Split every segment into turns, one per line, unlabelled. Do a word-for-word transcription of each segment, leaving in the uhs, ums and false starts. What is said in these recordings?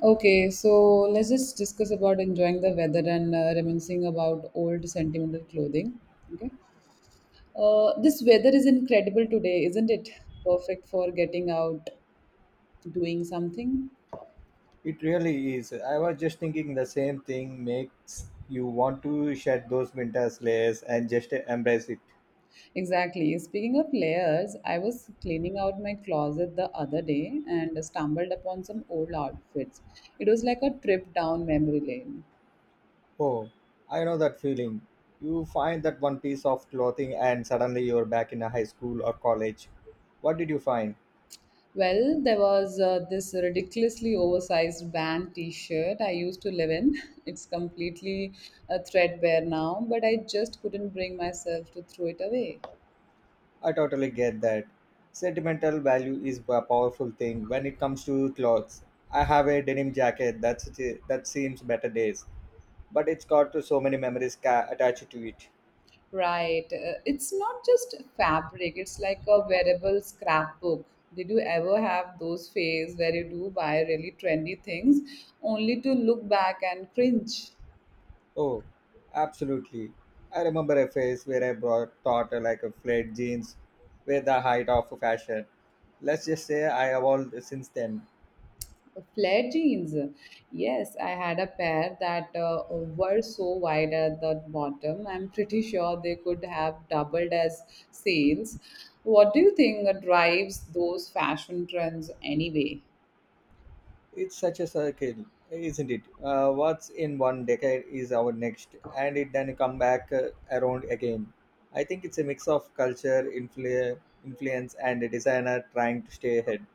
Okay, so let's just discuss about enjoying the weather and uh, reminiscing about old sentimental clothing. Okay, uh, this weather is incredible today, isn't it? Perfect for getting out, doing something.
It really is. I was just thinking the same thing makes you want to shed those winter layers and just embrace it.
Exactly. Speaking of layers, I was cleaning out my closet the other day and stumbled upon some old outfits. It was like a trip down memory lane.
Oh, I know that feeling. You find that one piece of clothing and suddenly you're back in a high school or college. What did you find?
Well, there was uh, this ridiculously oversized band t shirt I used to live in. It's completely uh, threadbare now, but I just couldn't bring myself to throw it away.
I totally get that. Sentimental value is a powerful thing when it comes to clothes. I have a denim jacket that's, that seems better days, but it's got so many memories ca- attached to it.
Right. Uh, it's not just fabric, it's like a wearable scrapbook. Did you ever have those phase where you do buy really trendy things only to look back and cringe?
Oh, absolutely. I remember a phase where I brought thought like a flared jeans were the height of fashion. Let's just say I evolved since then.
Flared jeans. Yes, I had a pair that uh, were so wide at the bottom. I'm pretty sure they could have doubled as sales. What do you think drives those fashion trends anyway?
It's such a circle, isn't it? Uh, what's in one decade is our next, and it then come back uh, around again. I think it's a mix of culture, influ- influence, and a designer trying to stay ahead.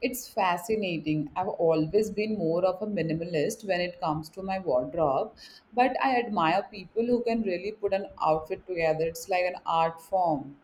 It's fascinating. I've always been more of a minimalist when it comes to my wardrobe, but I admire people who can really put an outfit together. It's like an art form.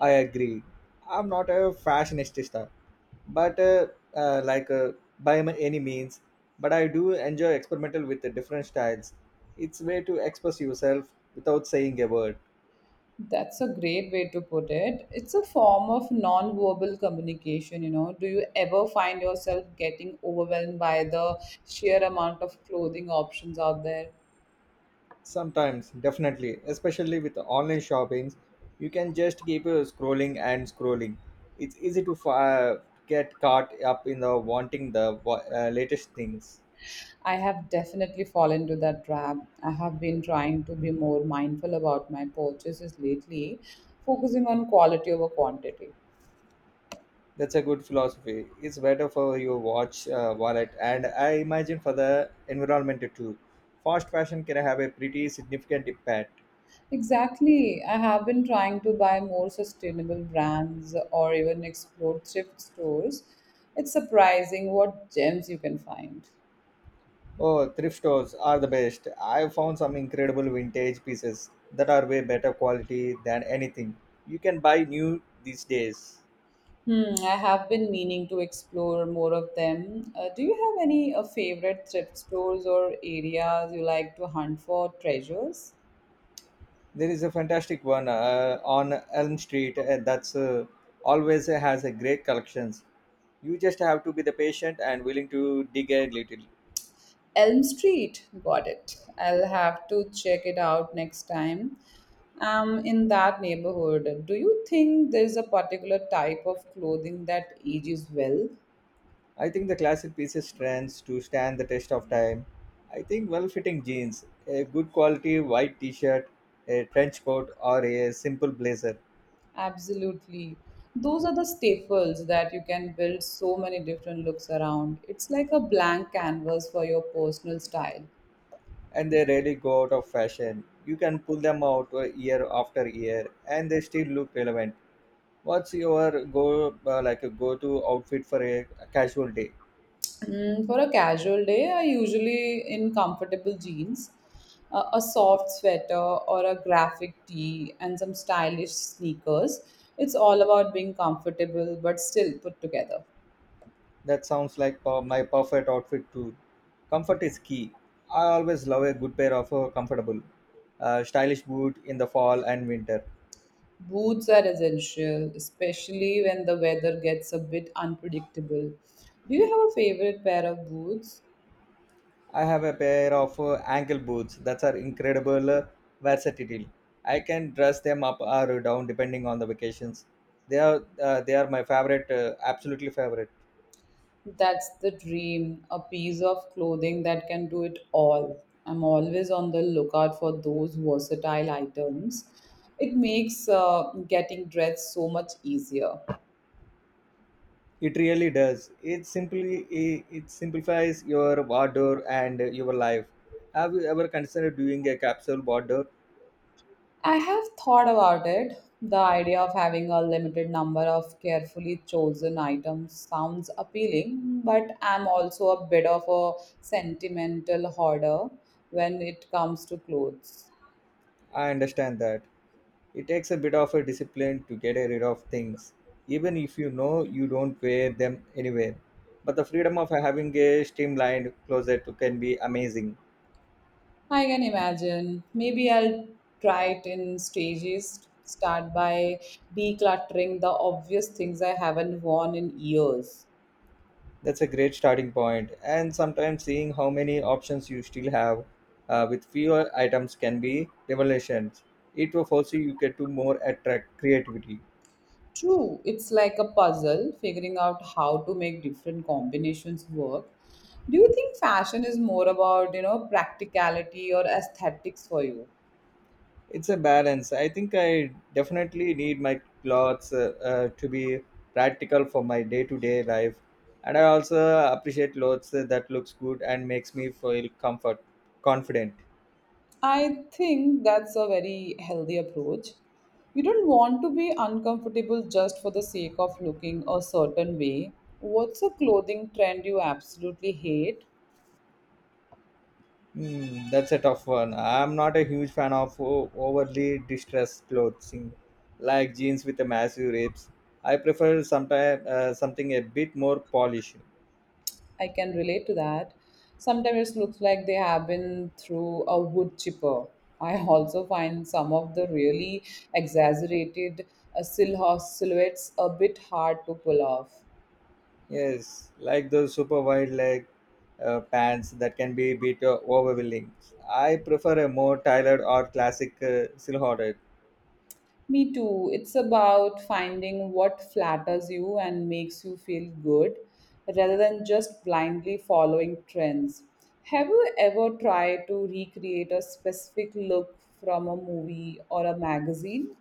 I agree. I'm not a fashionista, but uh, uh, like uh, by m- any means. But I do enjoy experimental with the different styles. It's way to express yourself without saying a word.
That's a great way to put it. It's a form of non-verbal communication, you know. Do you ever find yourself getting overwhelmed by the sheer amount of clothing options out there?
Sometimes, definitely, especially with the online shoppings, you can just keep uh, scrolling and scrolling. It's easy to fi- get caught up in the wanting the wa- uh, latest things.
I have definitely fallen into that trap. I have been trying to be more mindful about my purchases lately, focusing on quality over quantity.
That's a good philosophy. It's better for your watch, uh, wallet, and I imagine for the environment too. Fast fashion can have a pretty significant impact.
Exactly. I have been trying to buy more sustainable brands or even explore thrift stores. It's surprising what gems you can find.
Oh, thrift stores are the best. I found some incredible vintage pieces that are way better quality than anything you can buy new these days.
Hmm, I have been meaning to explore more of them. Uh, do you have any uh, favorite thrift stores or areas you like to hunt for treasures?
There is a fantastic one uh, on Elm Street uh, that's uh, always has a great collections. You just have to be the patient and willing to dig a little.
Elm Street, got it. I'll have to check it out next time. Um, in that neighborhood, do you think there's a particular type of clothing that ages well?
I think the classic pieces trends to stand the test of time. I think well fitting jeans, a good quality white t shirt, a trench coat, or a simple blazer,
Absolutely. Those are the staples that you can build so many different looks around. It's like a blank canvas for your personal style.
and they rarely go out of fashion. You can pull them out uh, year after year and they still look relevant. What's your go uh, like a go to outfit for a casual day?
Mm, for a casual day, I usually in comfortable jeans, uh, a soft sweater or a graphic tee, and some stylish sneakers. It's all about being comfortable but still put together.
That sounds like uh, my perfect outfit too. Comfort is key. I always love a good pair of uh, comfortable, uh, stylish boot in the fall and winter.
Boots are essential, especially when the weather gets a bit unpredictable. Do you have a favorite pair of boots?
I have a pair of uh, ankle boots that are incredible uh, versatile. I can dress them up or down depending on the vacations. They are uh, they are my favorite, uh, absolutely favorite.
That's the dream, a piece of clothing that can do it all. I'm always on the lookout for those versatile items. It makes uh, getting dressed so much easier.
It really does. It simply it, it simplifies your wardrobe and your life. Have you ever considered doing a capsule wardrobe?
I have thought about it. The idea of having a limited number of carefully chosen items sounds appealing, but I'm also a bit of a sentimental hoarder when it comes to clothes.
I understand that. It takes a bit of a discipline to get rid of things, even if you know you don't wear them anywhere. But the freedom of having a streamlined closet can be amazing.
I can imagine. Maybe I'll try it in stages. Start by decluttering the obvious things I haven't worn in years.
That's a great starting point, and sometimes seeing how many options you still have uh, with fewer items can be revelations. It will force you to get to more attract creativity.
True, it's like a puzzle, figuring out how to make different combinations work. Do you think fashion is more about, you know, practicality or aesthetics for you?
It's a balance. I think I definitely need my clothes uh, uh, to be practical for my day to day life, and I also appreciate clothes that looks good and makes me feel comfort confident.
I think that's a very healthy approach. You don't want to be uncomfortable just for the sake of looking a certain way. What's a clothing trend you absolutely hate?
Hmm, that's a tough one. I'm not a huge fan of o- overly distressed clothing, like jeans with a massive rips. I prefer sometime, uh, something a bit more polished.
I can relate to that. Sometimes it looks like they have been through a wood chipper. I also find some of the really exaggerated uh, silhou- silhouettes a bit hard to pull off.
Yes, like those super wide leg uh, pants that can be a bit uh, overwhelming. I prefer a more tailored or classic uh, silhouette.
Me too. It's about finding what flatters you and makes you feel good rather than just blindly following trends. Have you ever tried to recreate a specific look from a movie or a magazine?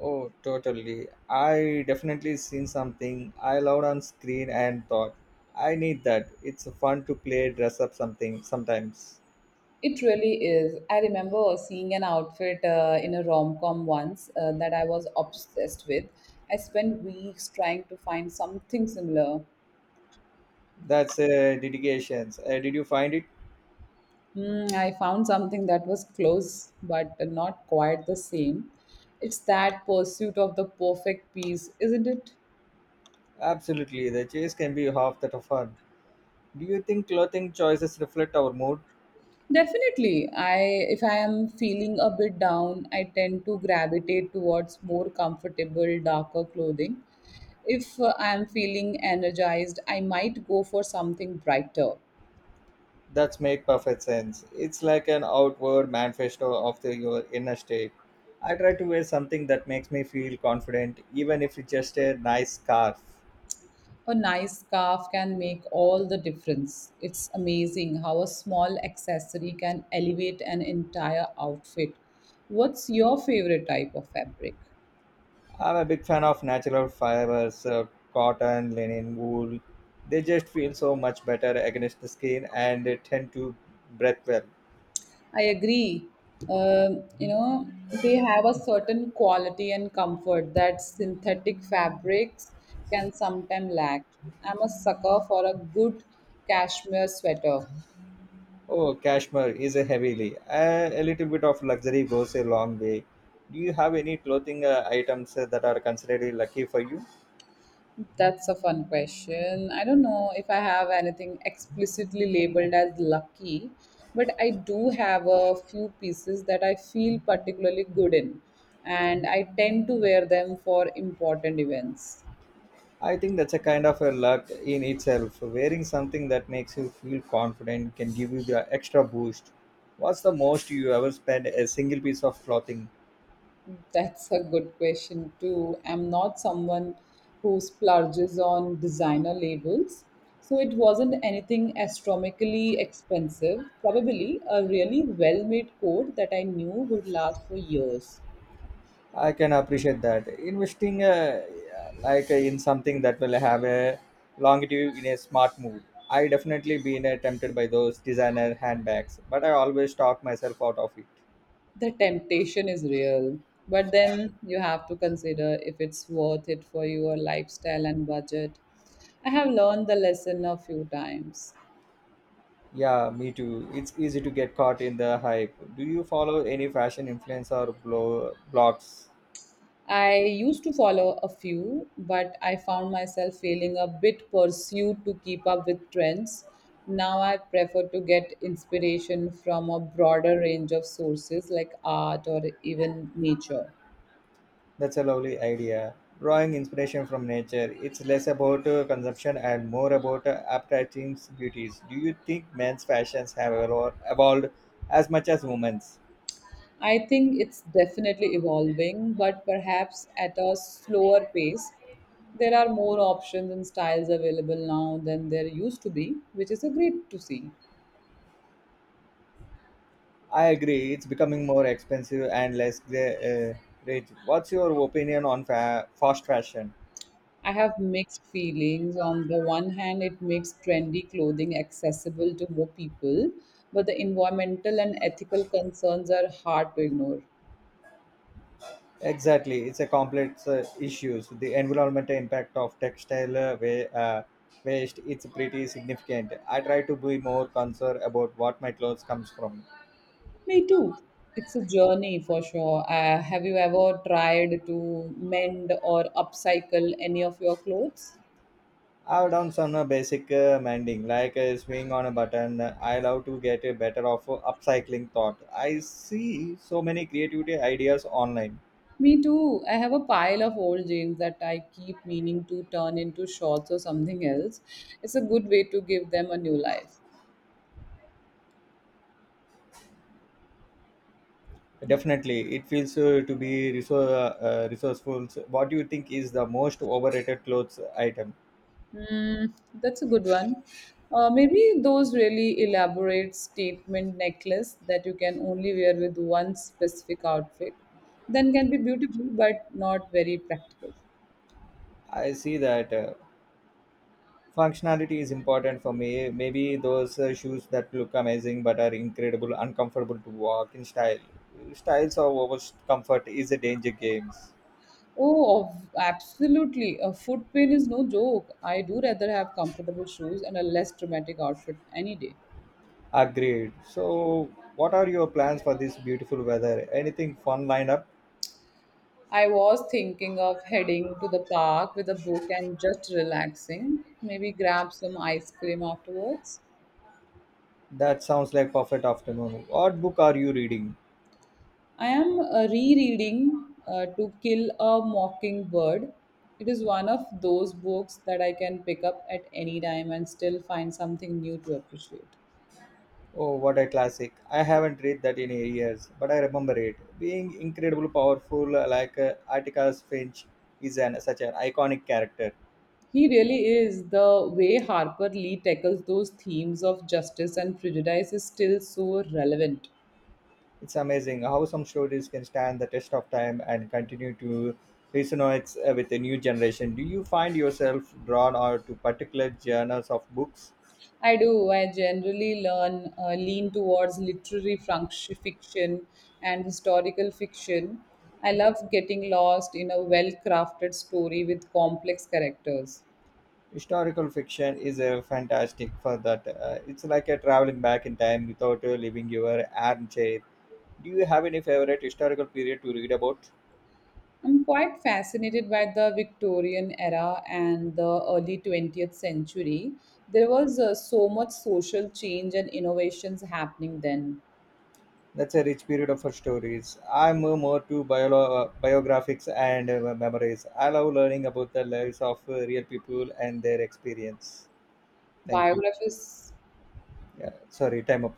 Oh, totally. I definitely seen something I loved on screen and thought, I need that. It's fun to play dress up something sometimes.
It really is. I remember seeing an outfit uh, in a rom com once uh, that I was obsessed with. I spent weeks trying to find something similar.
That's a dedication. Uh, did you find it?
Mm, I found something that was close but not quite the same. It's that pursuit of the perfect piece, isn't it?
Absolutely. The chase can be half that of fun. Do you think clothing choices reflect our mood?
Definitely. I if I am feeling a bit down, I tend to gravitate towards more comfortable, darker clothing. If uh, I am feeling energized, I might go for something brighter.
That's make perfect sense. It's like an outward manifesto of the, your inner state. I try to wear something that makes me feel confident, even if it's just a nice scarf.
A nice scarf can make all the difference. It's amazing how a small accessory can elevate an entire outfit. What's your favorite type of fabric?
I'm a big fan of natural fibers, uh, cotton, linen, wool. They just feel so much better against the skin and they tend to breathe well.
I agree. Um, you know, they have a certain quality and comfort that synthetic fabrics can sometimes lack. I'm a sucker for a good cashmere sweater.
Oh, cashmere is a heavily. Uh, a little bit of luxury goes a long way. Do you have any clothing uh, items uh, that are considered lucky for you?
That's a fun question. I don't know if I have anything explicitly labeled as lucky, but I do have a few pieces that I feel particularly good in, and I tend to wear them for important events.
I think that's a kind of a luck in itself. Wearing something that makes you feel confident can give you the extra boost. What's the most you ever spent a single piece of clothing?
That's a good question, too. I'm not someone who splurges on designer labels, so it wasn't anything astronomically expensive, probably a really well made coat that I knew would last for years.
I can appreciate that. Investing uh, like uh, in something that will have a longevity in a smart move. I definitely been uh, tempted by those designer handbags, but I always talk myself out of it.
The temptation is real, but then you have to consider if it's worth it for your lifestyle and budget. I have learned the lesson a few times.
Yeah, me too. It's easy to get caught in the hype. Do you follow any fashion influence or blo- blogs?
I used to follow a few, but I found myself feeling a bit pursued to keep up with trends. Now I prefer to get inspiration from a broader range of sources like art or even nature.
That's a lovely idea. Drawing inspiration from nature. It's less about uh, consumption and more about uh, appreciating beauties. Do you think men's fashions have evol- evolved as much as women's?
I think it's definitely evolving, but perhaps at a slower pace. There are more options and styles available now than there used to be, which is a great to see.
I agree. It's becoming more expensive and less gra- uh, rich. What's your opinion on fa- fast fashion?
I have mixed feelings. On the one hand, it makes trendy clothing accessible to more people, but the environmental and ethical concerns are hard to ignore.
Exactly. It's a complex uh, issues. The environmental impact of textile uh, wa- uh, waste it's pretty significant. I try to be more concerned about what my clothes comes from.
Me too. It's a journey for sure. Uh, have you ever tried to mend or upcycle any of your clothes?
I've done some uh, basic uh, mending, like uh, swing on a button. I love to get a better of uh, upcycling thought. I see so many creativity ideas online.
Me too. I have a pile of old jeans that I keep meaning to turn into shorts or something else. It's a good way to give them a new life.
Definitely, it feels uh, to be resou- uh, uh, resourceful. So, what do you think is the most overrated clothes item?
Hmm, that's a good one. Uh, maybe those really elaborate statement necklace that you can only wear with one specific outfit, then can be beautiful but not very practical.
I see that. Uh, functionality is important for me. Maybe those uh, shoes that look amazing but are incredible uncomfortable to walk in style. Styles of over comfort is a danger games.
Oh, of- absolutely. A foot pain is no joke. I do rather have comfortable shoes and a less dramatic outfit any day.
Agreed. So, what are your plans for this beautiful weather? Anything fun lined up?
I was thinking of heading to the park with a book and just relaxing, maybe grab some ice cream afterwards.
That sounds like perfect afternoon. What book are you reading?
I am uh, rereading uh, To Kill a Mockingbird. It is one of those books that I can pick up at any time and still find something new to appreciate.
Oh, what a classic. I haven't read that in years, but I remember it. Being incredibly powerful like uh, Atticus Finch is an, such an iconic character.
He really is. The way Harper Lee tackles those themes of justice and prejudice is still so relevant.
It's amazing how some stories can stand the test of time and continue to resonate uh, with a new generation. Do you find yourself drawn out to particular genres of books?
I do. I generally learn uh, lean towards literary func- fiction and historical fiction. I love getting lost in a well-crafted story with complex characters.
Historical fiction is uh, fantastic for that. Uh, it's like a traveling back in time without uh, leaving your armchair. Do you have any favorite historical period to read about?
I'm quite fascinated by the Victorian era and the early twentieth century. There was uh, so much social change and innovations happening then.
That's a rich period of uh, stories. I'm uh, more to bio- uh, biographics and uh, memories. I love learning about the lives of uh, real people and their experience. Thank you.
Biographies
Yeah, sorry, time up.